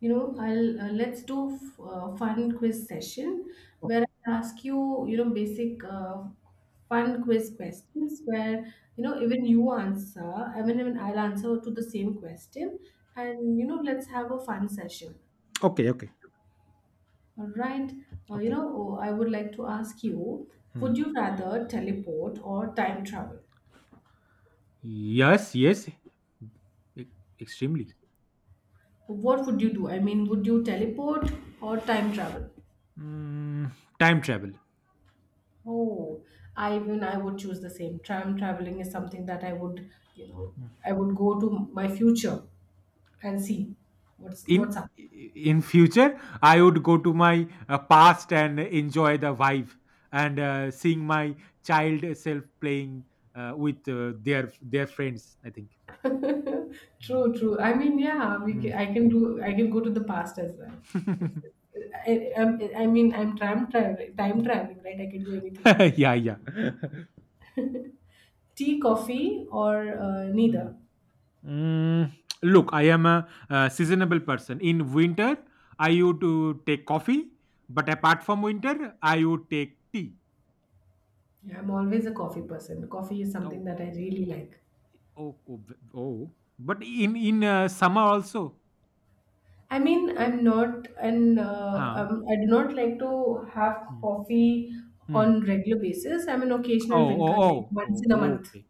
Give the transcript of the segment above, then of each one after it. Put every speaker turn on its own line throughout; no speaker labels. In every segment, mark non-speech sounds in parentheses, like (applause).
You know, I'll let's do fun quiz session where I ask you, you know, basic fun quiz questions where even you answer, even I'll answer to the same question, and you know, let's have a fun session.
Okay, okay,
All right.
okay.
Oh, I would like to ask you:
Hmm.
Would you rather teleport or time travel?
Yes, yes, e- extremely.
What would you do? I mean, would you teleport or time travel?
Mm, time travel.
Oh, I even I would choose the same. Tram traveling is something that I would, you know, I would go to my future and see what's
In
up.
in future, I would go to my past and enjoy the vibe and seeing my child self playing with their friends. I think.
(laughs) True, true. I mean, yeah, I
Mm.
can do I can go to the past as well. It's,
Mm.
I mean, I'm tram traveling, time traveling, right? I can do anything.
(laughs) yeah, yeah.
Tea, coffee, or neither.
(laughs) Mm, look, I am a, seasonable person. In winter, I would to take coffee, but apart from winter, I would take tea.
Yeah, I'm always a coffee person. Coffee is something
Oh,
that I really like.
oh, oh, oh. But in summer also. Huh.
I do not like to have
Hmm.
coffee
Hmm.
on regular basis. I'm an occasional
Oh,
drinker,
oh,
like
oh,
once
oh,
in a
oh,
month.
okay.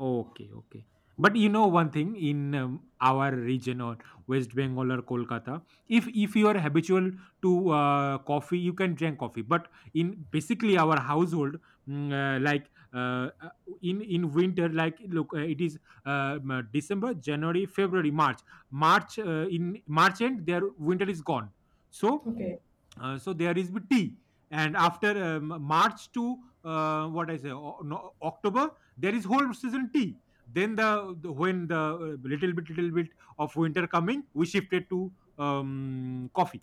Okay, okay. But you know one thing in our region or West Bengal or Kolkata, if you are habitual to coffee, you can drink coffee. But in basically our household, like in winter, like look, it is December, January, February, March. March in March end, their winter is gone. So
Okay,
there is with tea, and after March to what I say, no, October, there is whole season tea, then when the little bit of winter coming, we shifted to coffee.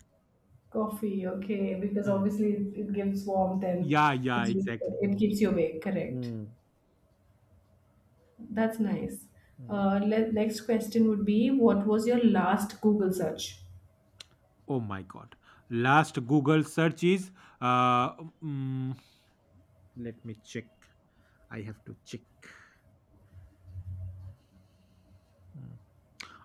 coffee. Okay, because
Mm.
obviously it gives warmth and
Yeah, yeah, exactly.
it
Mm.
keeps you awake. Correct.
Mm.
That's nice.
Mm.
Le Next question would be, what was your last Google search?
Oh my god, last Google search is uh, mm, let me check, I have to check. Mm.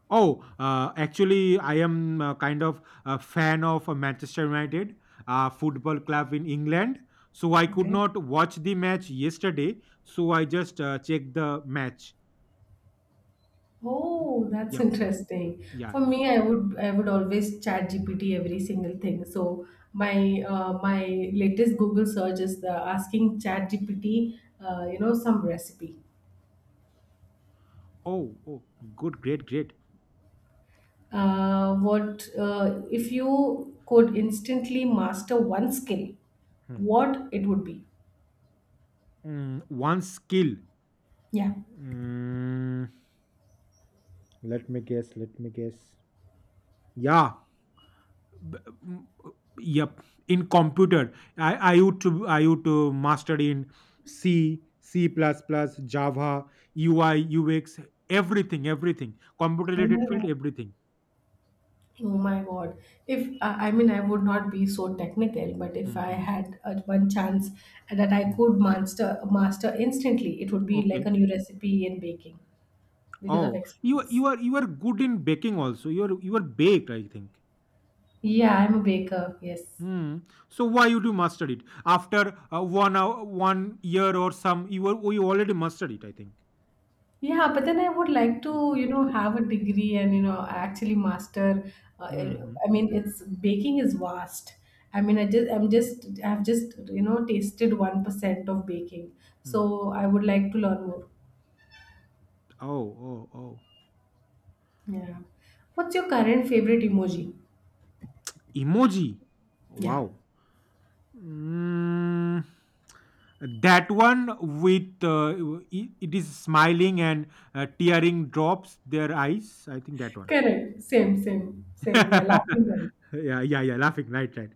Oh, actually, I am kind of a fan of Manchester United football club in England. So I could
Okay.
not watch the match yesterday. So I just checked the match.
Oh, that's (laughs)
Yep.
interesting.
Yeah.
For
Yeah.
me, I would always chat GPT every single thing. So my latest Google search is the asking chat GPT, some recipe.
Oh. Oh. Good. Great. Great.
What If you could instantly master one skill?
Hmm.
What it would be?
One skill.
Yeah.
Mm, let me guess. Let me guess. Yeah. b- m- yep. In computer, I used to, i used to mastered in C, C++, plus, plus, Java, UI, UX, everything, everything computer
Oh
related
my
field,
God.
everything.
Oh my God. If I I mean, I would not be so technical, but if I
Mhm,
had one chance that I
mhm.
could master instantly, it would be like
Okay.
a new recipe in baking because of
Oh, you are-
experience.
you are you are good in baking also, you are baked, I think.
Yeah, I'm a baker. Yes.
Hmm. So why you do mastered it after one hour, one year, or some? You already mastered it, I think.
Yeah, but then I would like
Of
to, you know,
mastered.
have a degree and, you know, actually master.
Mhm,
I mean, it's Baking is vast. I've just, you know, tasted 1% of baking.
mhm.
So I would like to learn more.
Oh, oh, oh.
Yeah. What's your current favorite emoji?
Emoji.
Yeah.
Wow. Mm, that one with it is smiling and tearing drops their eyes. I think that one.
Correct. Same, same, same. Yeah, laughing one.
(laughs) yeah, yeah, yeah. Laughing. Right, right.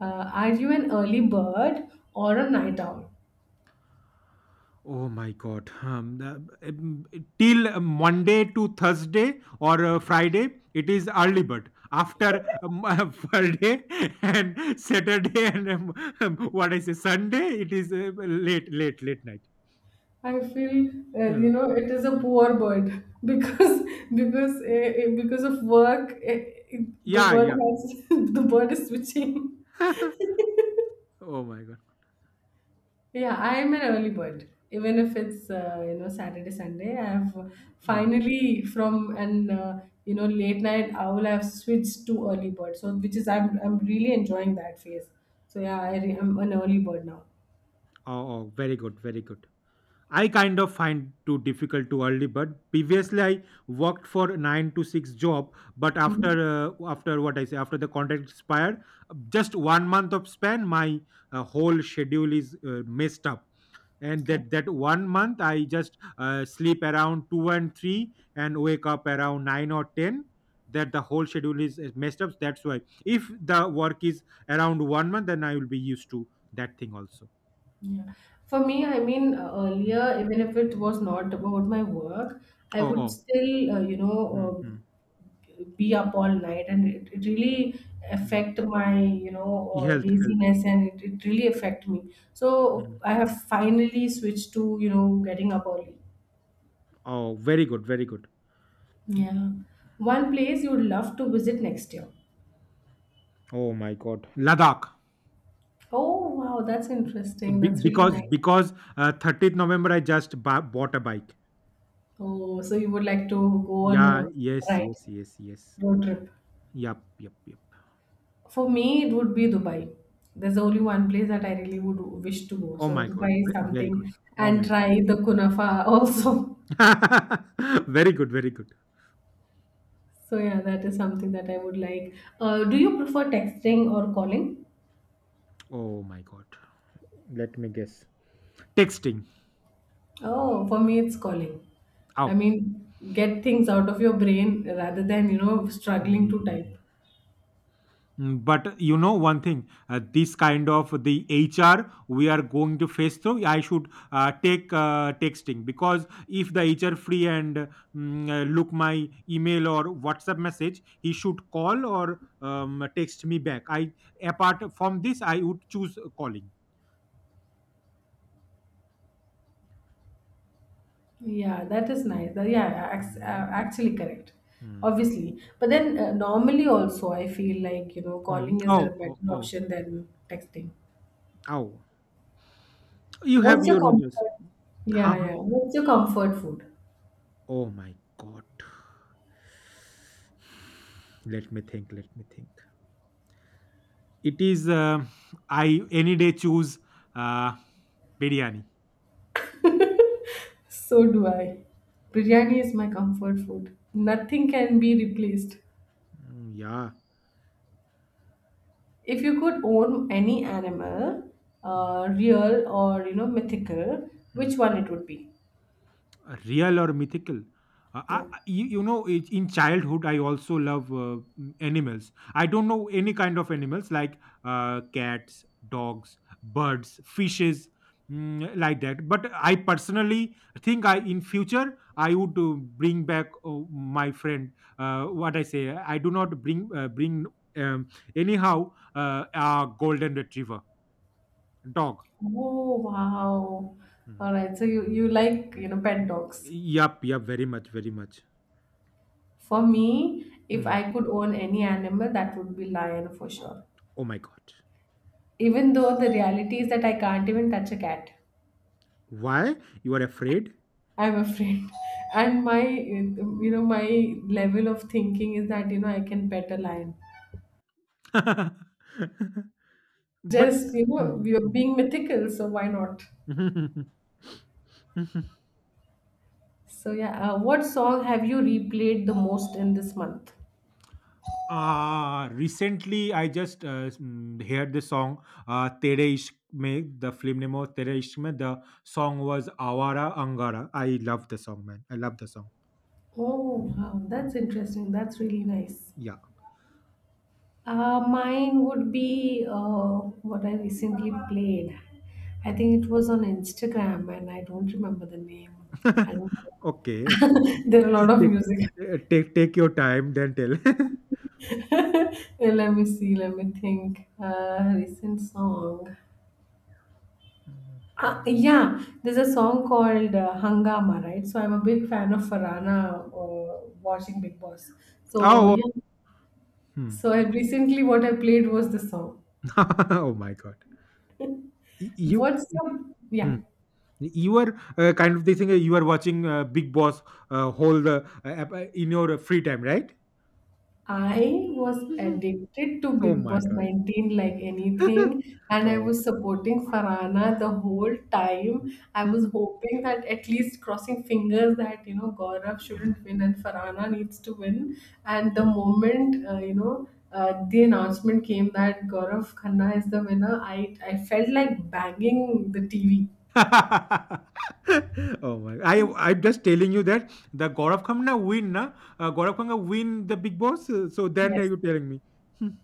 Are you an early bird or a night owl?
Oh my God. Till Monday to Thursday or Friday, it is early bird. After (laughs) Friday and Saturday and what I say Sunday, it is late, late, late night.
I feel
Yeah.
you know it is a poor bird (laughs) because because of work the bird
Yeah,
has (laughs) the bird is switching.
yeah. (laughs) Oh my god.
Yeah, I'm an early bird. Even if it's you know Saturday, Sunday, I have
Mm.
finally from an you know late night owl, I've switched to early bird. So which is I'm really enjoying that phase. So yeah, I'm an early bird now.
Oh, oh, very good, very good. I kind of find too difficult too early, but previously I worked for 9 to 6 job, but after
Mhm.
after what I say after the contract expired, just one month of span, my whole schedule is messed up. And
Okay.
that one month, I just sleep around 2 and 3, and wake up around 9 or 10. That the whole schedule is messed up, that's why if the work is around one month, then I will be used to that thing also.
Yeah. For me,
Mm.
earlier, even if it was not about my work, I
Oh,
would
oh,
still,
mm, mm,
be up all night and it really
mm.
affect my you know
Health.
laziness and it really affect me, so
Mm.
I have finally switched to you know getting up early.
Oh, very good, very good. Mm.
Yeah. One place you would love to visit next year.
Oh my god, Ladakh.
Oh wow, that's interesting,
Be-
that's really
because
nice.
because uh, 30th November, I just bought a bike.
Oh, so you would like to go on a
Yeah, yes,
ride,
yes, yes, yes.
road trip.
Yep, yep, yep.
For me, it would be Dubai. There's only one place that I really would wish to go.
Oh
So
my god,
Dubai is
ve very good.
something,
Oh
and
my god.
try the kunafa also. (laughs)
(laughs) Very good, very good.
So yeah, that is something that I would like. Do you prefer texting or calling?
Oh my god. Let me guess. Texting.
Oh, for me it's calling. I
Oh.
mean, get things out of your brain rather than, you know, struggling to
Mm.
type.
But you know one thing, this kind of the HR we are going to face through, I should take texting, because if the HR free and look my email or WhatsApp message, he should call or text me back. I Apart from this, I would choose calling.
Yeah, that is nice. Yeah, yeah,
Mm,
actually correct.
mm.
Obviously. But then normally also I feel like, you know,
Mm.
calling is a
Oh, oh,
better
oh,
option than texting.
oh. You have
What's your
your own choice.
comfort? Yeah,
Haha.
yeah. What's your comfort food?
Oh my god. Let me think. Let me think. It is. I any day choose uh, biryani.
So do I. Biryani is my comfort food. Nothing can be replaced.
Mm, yeah.
If you could own any animal,
Mm,
real or you know mythical,
mm.
which one it would be?
Real or mythical?
Yeah.
In childhood, I also love animals. I don't know any kind of animals like cats, dogs, birds, fishes, like that. But I personally think, I in future I would bring back my friend. What I say, I do not bring, um, anyhow, a golden retriever dog.
Oh wow.
Mm.
All right. So you like you know pet dogs.
Yup, yup, very much, very much.
For me, if
Hmm.
I could own any animal, that would be lion for sure.
Oh my god.
Even though the reality is that I can't even touch a cat.
Why? You are afraid?
I'm afraid. And my, you know, my level of thinking is that, you know, I can pet a lion.
(laughs) but (laughs)
Just, you know,
Hmm,
we are
hmm.
being mythical, so why not? So, yeah, what song have you replayed the most in this month?
Ah, recently I just heard the song, "Tere Ishq Mein," the film name was "Tere Ishq Mein." The song was "Awara Angara." I love the song, man. I love the song.
Oh, wow, that's interesting. That's really nice.
Yeah.
Mine would be What I recently played. I think it was on Instagram, and I don't remember the name. I
(laughs)
don't.
Okay. Okay.
(laughs) There are a lot of
Take,
music.
take your time, then tell. (laughs)
(laughs) Let me see, let me think. Recent song. Yeah, there's a song called Hangama, right? So I'm a big fan of Farana watching Big Boss. So
Oh.
yeah,
Hmm.
so I recently what I played was the song.
(laughs) Oh my God. Y- You.
What's your Yeah?
(laughs) You are kind of they think, you are watching Big Boss whole the in your free time, right?
I was
Mhm.
addicted to
Oh
Big
my
Boss
god.
19 like
(laughs)
anything, and I
oh (laughs)
was supporting Farana the whole time. I was hoping that at least crossing fingers that you know Gaurav shouldn't win and Farana needs to win. And the moment the announcement came that Gaurav Khanna is the winner, I felt like banging the TV.
Oh my. I'm just telling you that the Gaurav Khanna win, na. Gaurav Khanna win the Big Boss, so then are
Yes,
you telling me? (laughs)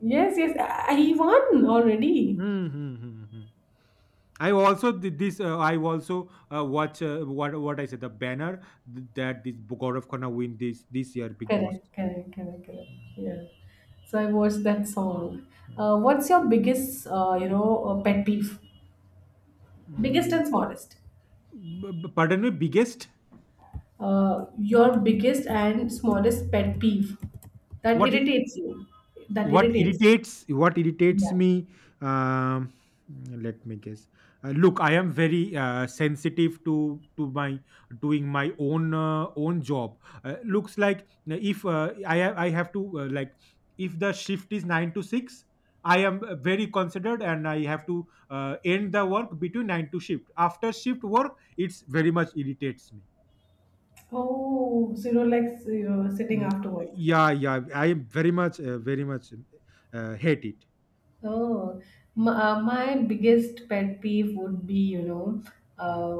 yes, yes. He won already.
Hmm, hmm, hmm, hmm. I also did this. I also watch, what I said the banner, that this Gaurav Khanna win this year Big Boss.
Correct, correct, correct, correct. Yeah. So I watched that song.
Mm.
What's your biggest, pet peeve? Biggest
Mm,
and smallest.
pardon me, biggest.
Your biggest and smallest pet peeve that
what i-
irritates you. That
what
irritates.
irritates what irritates
Yeah.
me. um Let me guess. Look, I am very sensitive to my doing my own, own job. Looks like, if I have to, like, if the shift is 9 to 6, I am very considered, and I have to end the work between 9 to shift after shift work. It's very much irritates me.
Oh, so you don't like you know, sitting
Mm,
after work.
yeah, yeah. I very much hate it.
Oh, my biggest pet peeve would be, you know,
Mm.
uh,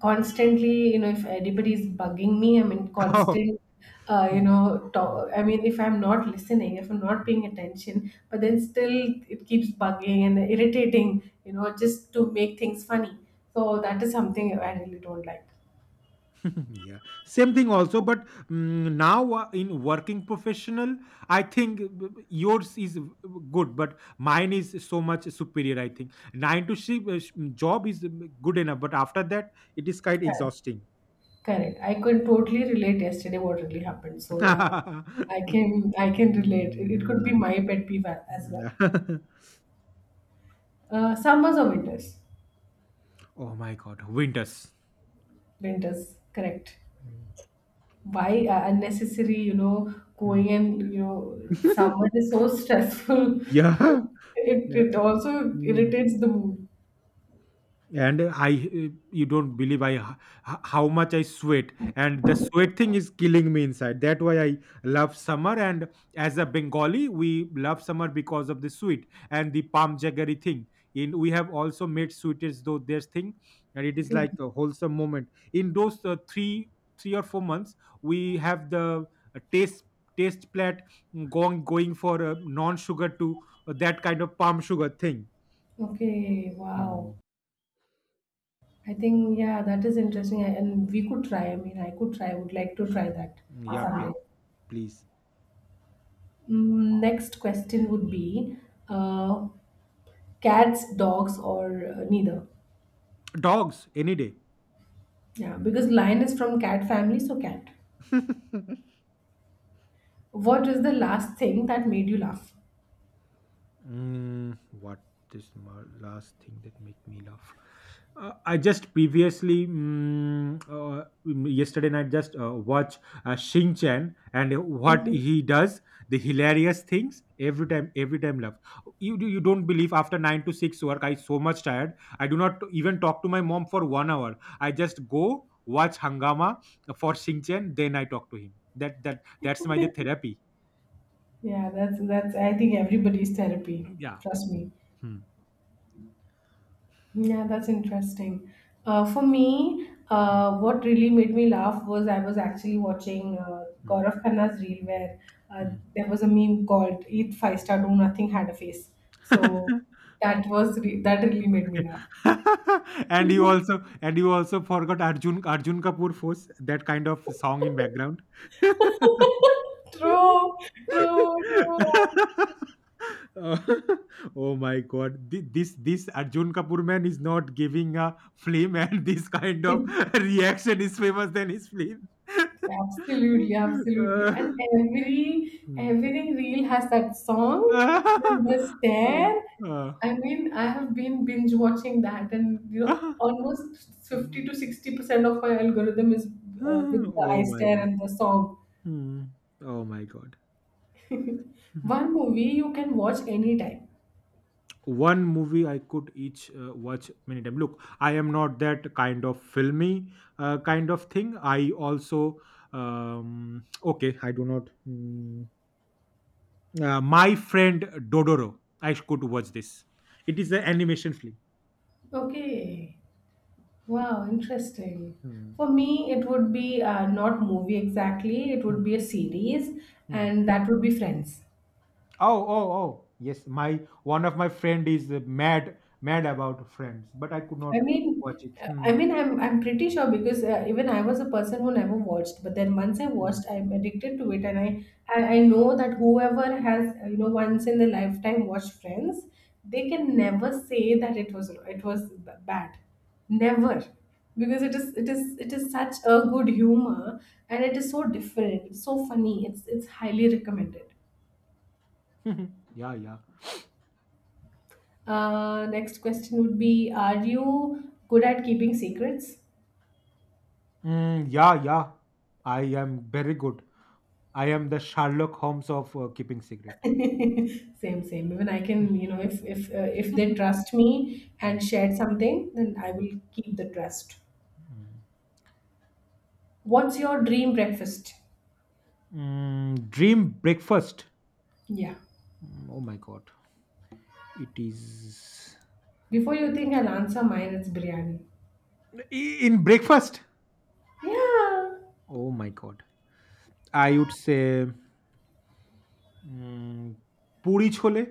constantly, you know, if anybody is bugging me, I mean,
(laughs) Oh.
constant, you
Mm,
know,
mm,
talk, I mean, if I'm not listening, if I'm not
mm,
paying attention, but then
mm.
still it keeps bugging and irritating, you know, just to make things funny. So that is something I really don't like.
(laughs) Yeah, same thing also. But now, in working professional, I think, yours is good, but mine is so much superior. I think 9 to 6 job is good enough, but after that it is quite
Correct.
exhausting.
Correct. I could totally relate yesterday what really happened. So yeah,
Mm. (laughs)
I can relate. It could be
Mm.
my pet peeve as well.
(laughs)
Summers or winters?
Oh my god, winters.
Winters, correct.
Mm.
Why unnecessary, you know,
Mm.
going and, you know, summer
(laughs)
is so stressful.
Yeah.
(laughs) it,
Yeah,
it also
mm.
irritates the mood.
And I you don't believe, how much I sweat, and the sweat thing is killing me inside. That why I love summer, and as a Bengali we love summer because of the sweet and the palm jaggery thing. In We have also made sweetest though there's thing, and it is
Okay.
like a wholesome moment. In those 3 or 4 months, we have the uh, taste taste plat, going for non sugar to that kind of palm sugar thing.
Okay. Wow.
Mm,
I think, yeah, that is interesting. And we could try. I mean, I could try. I would like to try that
yup,
someday.
yup. Please,
Mm, next question would be uh, cats, dogs, or neither.
dogs any day.
Yeah, because lion is from cat family, so cat.
(laughs)
What is the last thing that made you laugh?
What is my last thing that make me laugh? I just previously yesterday night just watch Shin Chan, and what
Okay.
he does, the hilarious things, every time laugh. You don't believe, after 9 to 6 work, I so much tired, I do not even talk to my mom for one hour, I just go watch Hangama for Shin Chan, then I talk to him. That's my the therapy.
Yeah, that's I think everybody's therapy.
Yeah.
Trust me.
Hmm.
Yeah, that's interesting. For me,
Hmm.
what really made me laugh was I was actually watching
Hmm.
Gaurav Khanna's reel where uh,
Hmm.
there was a meme called "Eat five-star, do nothing, had a face." So
(laughs)
that was that really made me laugh.
(laughs) And you also forgot Arjun Kapoor force that kind of song in background. (laughs)
(laughs) True, true, true.
Oh, (laughs) oh my god. This Arjun Kapoor man is not giving a film, and (laughs) this kind
It
of (laughs) reaction is famous than his film. (laughs)
Absolutely, absolutely.
Uh,
And
hmm.
every reel has that song
(laughs)
and
Uh,
the stare.
uh,
I mean, I have been binge watching that, and you know,
(laughs)
almost 50 to 60% of my algorithm is with the eye
oh my
stare
god.
and the song.
Hmm. Oh my god. Mhm.
One movie you can watch anytime.
One movie I could each watch many times. Look, I am not that kind of filmy kind of thing. I also okay. I do not. My friend Dodoro. I could watch this. It is an animation film.
Okay. Wow, interesting.
Hmm.
For me, it would be not movie exactly, it would
Hmm.
be a series,
Hmm.
and that would be Friends.
Oh, oh, oh. Yes, my one of my friend is mad, mad about Friends, but I could not watch it.
I
Hmm.
mean, I'm pretty sure because even I was a person who never watched, but then once I
Hmm.
watched, I'm addicted to it, and I know that whoever has you know once in their lifetime watched Friends, they can never say that it was bad, never, because it is such a good humor, and it is so different, it's so funny, it's highly recommended.
(laughs) yeah, yeah.
Next question would be: Are you good at keeping secrets?
Yeah, yeah. I am very good. I am the Sherlock Holmes of keeping
(laughs)
secret.
Same, same. Even I can you know if if they trust me
Mm.
and shared something, then I will keep the trust. What's your dream breakfast?
Dream breakfast.
Yeah,
Oh my god. It is.
before you think I'll answer mine, it's biryani.
I- in breakfast.
Yeah,
Oh my god. I would say mm, puri chole.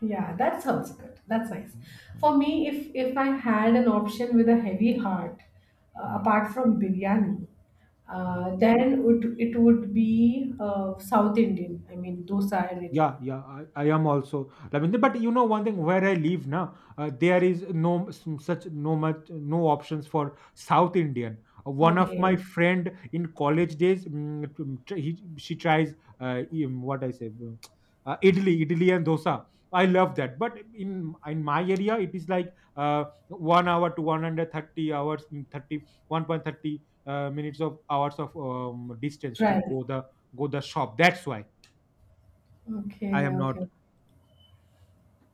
yeah, that sounds good, that's nice. For me, if I had an option with a heavy heart, apart from biryani, then would it would be south indian, I mean dosa and idli.
Yeah, yeah, I am also Lavender. But you know one thing, where I live now, there is no such no much no options for South Indian. One of my
Okay,
friend in college days, he, she tries what I say, idli and dosa. I love that. But in my area, it is like 1 hour to 130 hours, 30 1.30 minutes of hours of distance
try.
to go the shop. That's why. I
Okay,
am not.
okay.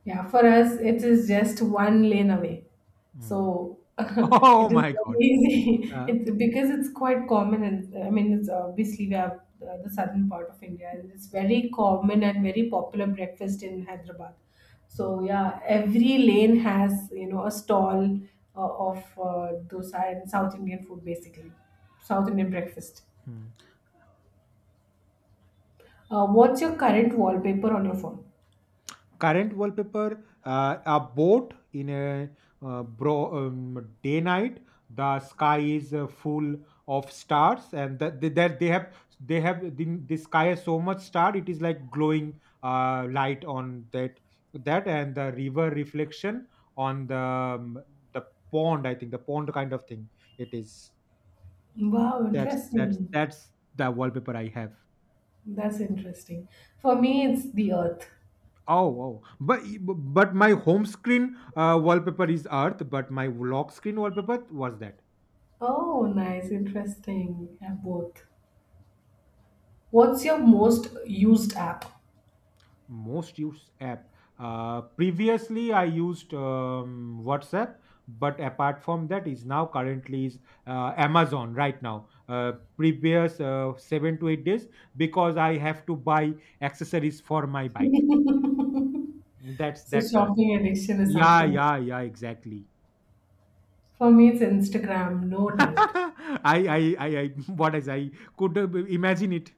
Yeah, for us, it is just one lane away.
Mm.
So (laughs)
(laughs)
it
Oh
is
my
very
god.
easy. (laughs) It's
Um,
because it's quite common, and I mean, it's obviously we have the southern part of India, and it's very common and very popular breakfast in Hyderabad.
mm,
So yeah, every lane has you know a stall of dosa and South Indian food, basically South Indian breakfast.
mm.
What's your current wallpaper on your phone?
Current wallpaper, a boat in a bro day night. The sky is full of stars, and that they have the sky has so much star. It is like glowing light on that and the river reflection on the pond. I think the pond kind of thing. It is
Wow, interesting.
that's the wallpaper I have.
That's interesting. For me, it's the earth.
Oh, wow. But my home screen wallpaper is Earth, but my lock screen wallpaper was that.
Oh, nice. Interesting. Yeah, both. What's your most used app?
Most used app. Previously, I used WhatsApp, but apart from that, is now currently is Amazon right now. Previous 7 to 8 days because I have to buy accessories for my bike. That's
So,
that's why.
shopping addiction is
Yeah,
something.
yeah, yeah. Exactly.
For me, it's Instagram, no doubt.
(laughs) I, I. What is I could imagine it.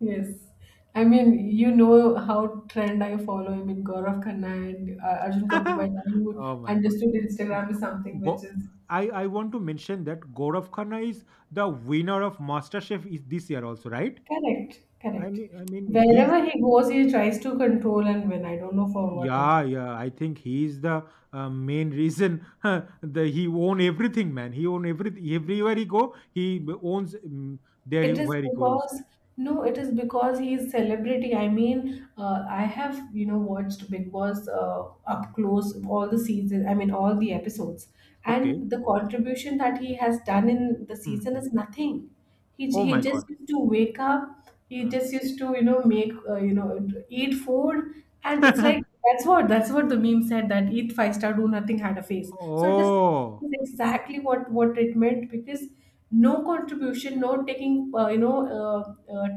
Yes. I mean, you know how trend I follow. I mean, Gaurav Khanna and Arjun Kapoor by
(laughs)
now. You
Oh my god.
understood
Go,
Instagram is something which
go-
is
I want to mention that Gaurav Khanna is the winner of MasterChef is this year also, right?
correct.
I
Correct.
mean, I mean, he's.
Wherever he goes, he tries to control and win. I don't know for what
Yeah,
reason.
yeah. I think he's the main reason. (laughs) the He own everything, man. He own everything. Everywhere he go, owns
It is
where he goes.
because no, it is because he is celebrity. I mean, I have you know watched Big Boss
Mm.
up close all the season. I mean, all the episodes,
Okay.
and the contribution that he has done in the season
Mhm.
is nothing.
Oh
He
my
just
god.
used to wake up. He
Uh.
just used to you know make you know eat food, and it's like
(laughs)
that's what the meme said that eat five-star do nothing had a face. So it is
Oh,
that's exactly what it meant because no contribution no taking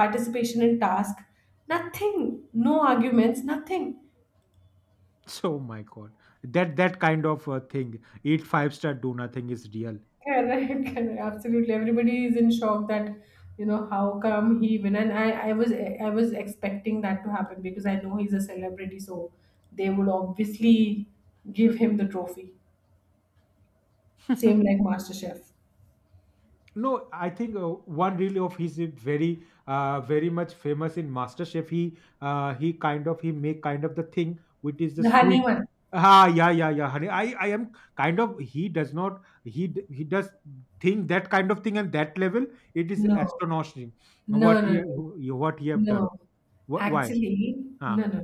participation in task nothing no arguments nothing.
so my god. That kind of thing. Eat five-star, do nothing is real.
(laughs) Correct, correct, absolutely, everybody is in shock that you know how come he even and I was I was expecting that to happen because I know he's a celebrity so they would obviously give him the trophy same like master chef
No, I think one really of his is very, very much famous in MasterChef. He kind of he make kind of the thing which is the
the honey
sweet.
one
Ah, yeah, yeah, yeah, honey. I am kind of he does not he d- he does think that kind of thing and that level. It is
no
astonishing
no no no
what he have
No,
done. Why?
actually, no,
Ah.
no.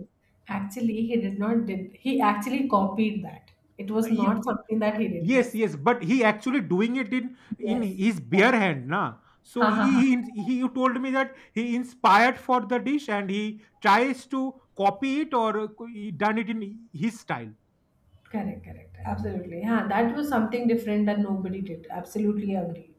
Actually, he did not did. He actually copied that. It was not something that he did.
Yes,
Yes,
yes, but he actually doing it in
yes.
his bare hand, na. So
Ha ha ha.
he you told me that he inspired for the dish and he tries to copy it or he done it in his style.
Correct, correct. Absolutely. Ha, that was something different that nobody did. Absolutely agree.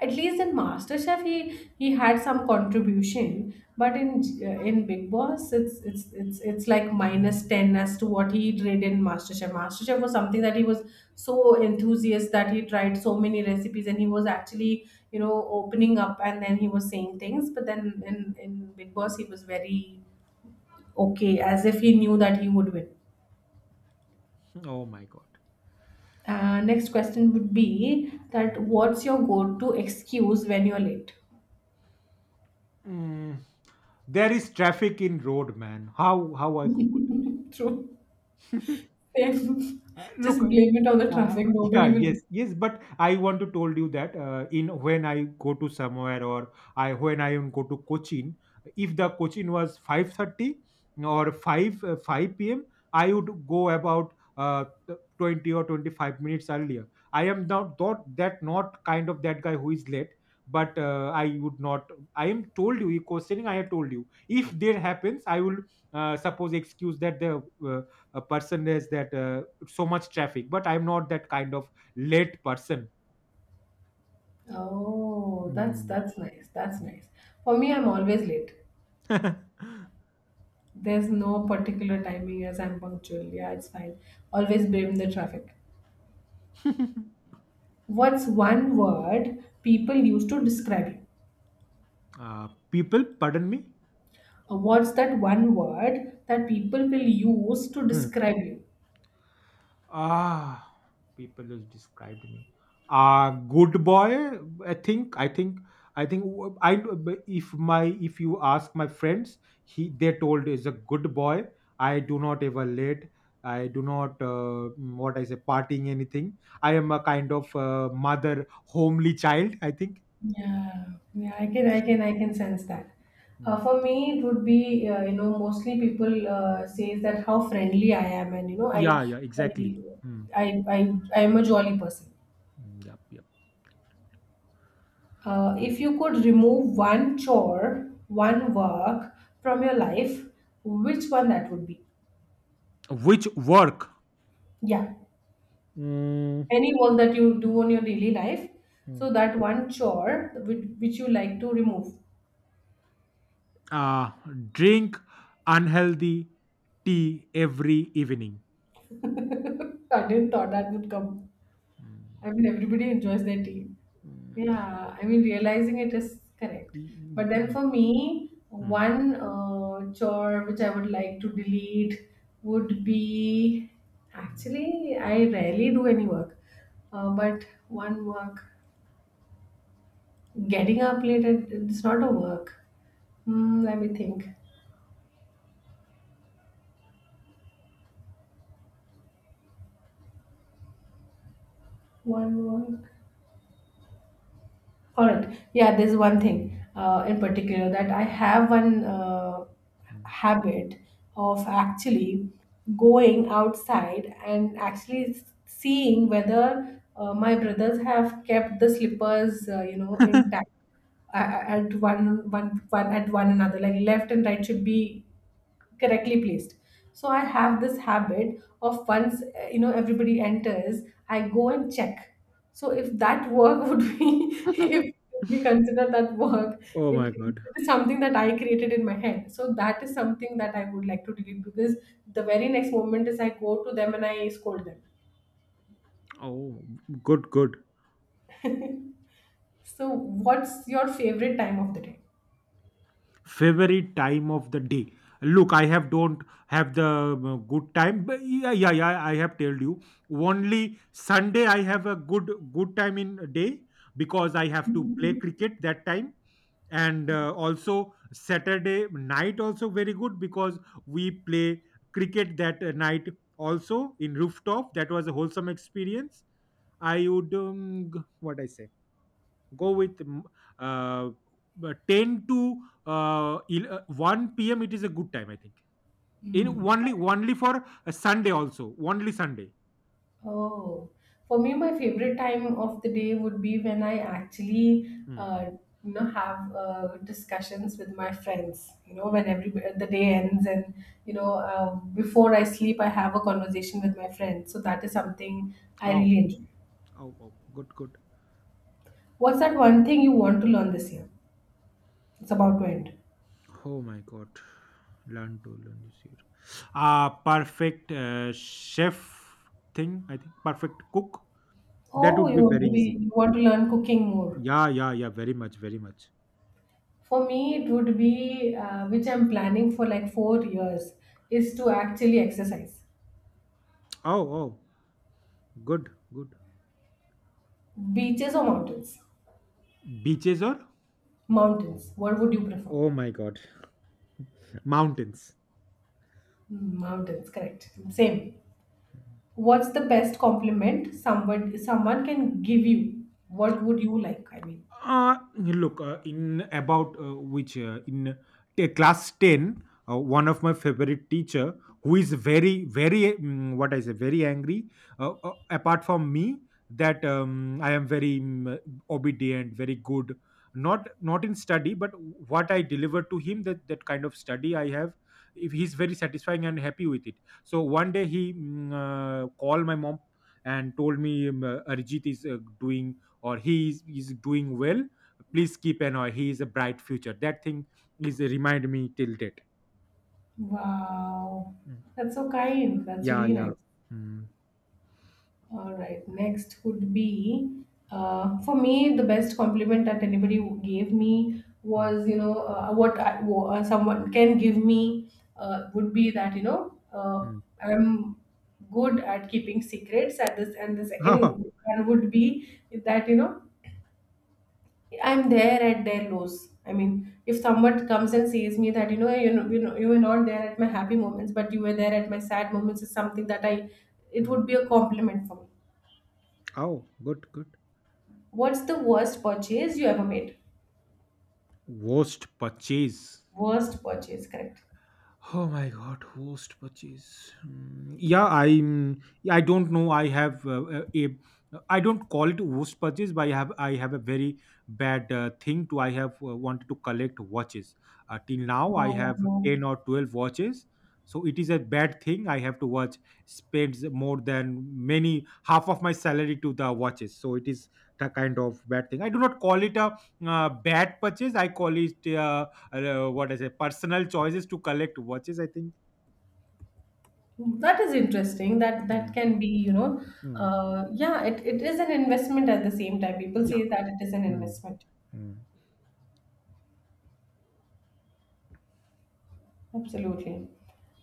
At least in MasterChef he had some contribution, but in Big Boss it's like minus ten as to what he did in MasterChef. MasterChef was something that he was so enthusiastic that he tried so many recipes and he was actually you know opening up and then he was saying things, but then in Big Boss he was very okay as if he knew that he would win.
Oh my god.
Next question would be
Mm.
that what's your go-to excuse when you're late? (laughs)
Mm. There is traffic in road, man. How I cope with
True.
it? (laughs)
Then (laughs) just
Look,
blame it on the traffic. Nobody
yeah, yes,
will.
yes, but I want to told you that in when I go to somewhere or I when I even go to Cochin, if the Cochin was 5:30 or five p.m., I would go about 20 or 25 minutes earlier. I am not that not kind of that guy who is late. But I would not. I am told you, questioning. I have told you. If there happens, I will suppose excuse that the a person is that so much traffic, but I'm not that kind of late person.
Oh, that's
Mm.
that's nice. That's nice. For me, I'm always late.
(laughs)
There's no particular timing as I'm punctual. Yeah, it's fine. Always blame the traffic. What's one word people use to describe you?
People, pardon me.
What's that one word that people will use to
Hmm.
describe you?
Ah, people who's described me, good boy. i think i think I think. I, if my, if you ask my friends, he they told is a good boy. I do not ever late. I do not what I say, partying anything. I am a kind of mother, homely child, I think.
Yeah, yeah, I can sense that. For me, it would be you know mostly people says that how friendly I am, and you know
Yeah, yeah,
I,
exactly. Mm,
I, I am a jolly person.
mm, yep, yep.
If you could remove one chore, one work from your life, which one that would be?
Which work?
Yeah,
Mm.
any work that you do on your daily life.
Hmm.
So that one chore which you like to remove.
uh, Drink unhealthy tea every evening.
(laughs) I didn't thought that would come. I
Mm,
mean, everybody enjoys their tea.
mm,
Yeah, I mean, realizing it is correct. But then
mm,
for me,
mm,
one chore which I would like to delete would be
mm,
actually, I rarely do any work. But one work, getting up late, it's not a work. Hmm, let me think. One work. All right. Yeah, there's one thing in particular that I have one
mm.
habit of actually going outside and actually seeing whether my brothers have kept the slippers, you know, intact at one another. Like left and right should be correctly placed, so I have this habit of once you know everybody enters I go and check. So if that work (laughs) would be, if
(laughs)
we consider that work,
Oh
it,
my god.
it is something that I created in my head, so that is something that I would like to delete because the very next moment is I go to them and I scold them.
Oh, good, good.
So what's your favorite time of the day?
Favorite time of the day. Look, I have don't have the good time, but yeah, yeah, yeah, I have told you only Sunday I have a good time in a day. Because I have to play cricket that time, and also Saturday night also very good because we play cricket that night also in rooftop. That was a wholesome experience. I would what I say, go with uh, 10 to 1 p.m it is a good time I think in
Hmm.
only for a Sunday, also only Sunday.
Oh, for me, my favorite time of the day would be when I actually,
Hmm.
uh, you know, have discussions with my friends. You know, when every the day ends, and you know, before I sleep, I have a conversation with my friends. So that is something I
Oh,
really enjoy.
oh, oh, good, good.
What's that one thing you want to learn this year? It's about to end.
Oh my god. Learn to learn this year. Ah, perfect chef thing, I think. Perfect cook. That
Oh,
would
you
be
want
very
to be
easy.
you want to learn cooking more.
Yeah, yeah, yeah, very much, very much.
For me, it would be which I'm planning for like 4 years is to actually exercise.
Oh, oh, good, good.
Beaches or mountains?
Beaches or.
Mountains. What would you prefer?
Oh my god. Mountains.
Hmm, mountains, correct. Same. What's the best compliment someone can give you? What would you like? I mean.
Look, in about which in class 10, one of my favorite teacher who is very, very, what I say, very angry. Apart from me, that I am very, obedient, very good. Not in study, but what I deliver to him, that kind of study I have. If he's very satisfying and happy with it. So one day he called my mom and told me Arijit is doing, or is doing well. Please keep an eye. He is a bright future, that thing is a remind me till date.
Wow.
Mm.
That's so kind. That's
Yeah,
really
yeah.
nice.
Mm,
All right. Next would be for me the best compliment that anybody gave me
mm,
was you know someone can give me would be that you know
mm.
I'm good at keeping secrets at this, and the second
(laughs)
one would be that you know I'm there at their lows. I mean, if someone comes and says me that you know you were not there at my happy moments, but you were there at my sad moments is something that I, it
Mm.
would be a compliment for me.
Oh, good, good.
What's the worst purchase you ever made?
Worst purchase.
Worst purchase, correct.
Oh my God, host purchase. Mm, yeah, I'm. I don't know. I have a. I don't call it host purchase, but I have. I have a very bad thing to. I have wanted to collect watches. Till now, I have
Wow.
10 or 12 watches. So it is a bad thing. I have to watch spends more than many half of my salary to the watches. So it is the kind of bad thing. I do not call it a bad purchase. I call it. What I say, personal choices to collect watches, I think.
That is interesting. That that
Mm,
can be, you know,
mm.
yeah, it is an investment at the same time. People
Yeah.
say that it is an
Mm,
investment.
mm,
Absolutely.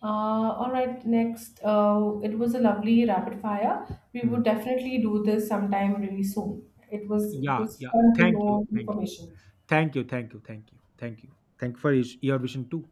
All right, next. It was a lovely rapid fire. We would
mm.
definitely do this sometime really soon. It was it
Yeah.
was
Yeah.
fun to
Thank you.
know
Thank you.
information.
Thank you. Thank you. Thank you. Thank you. Thank you for your vision too.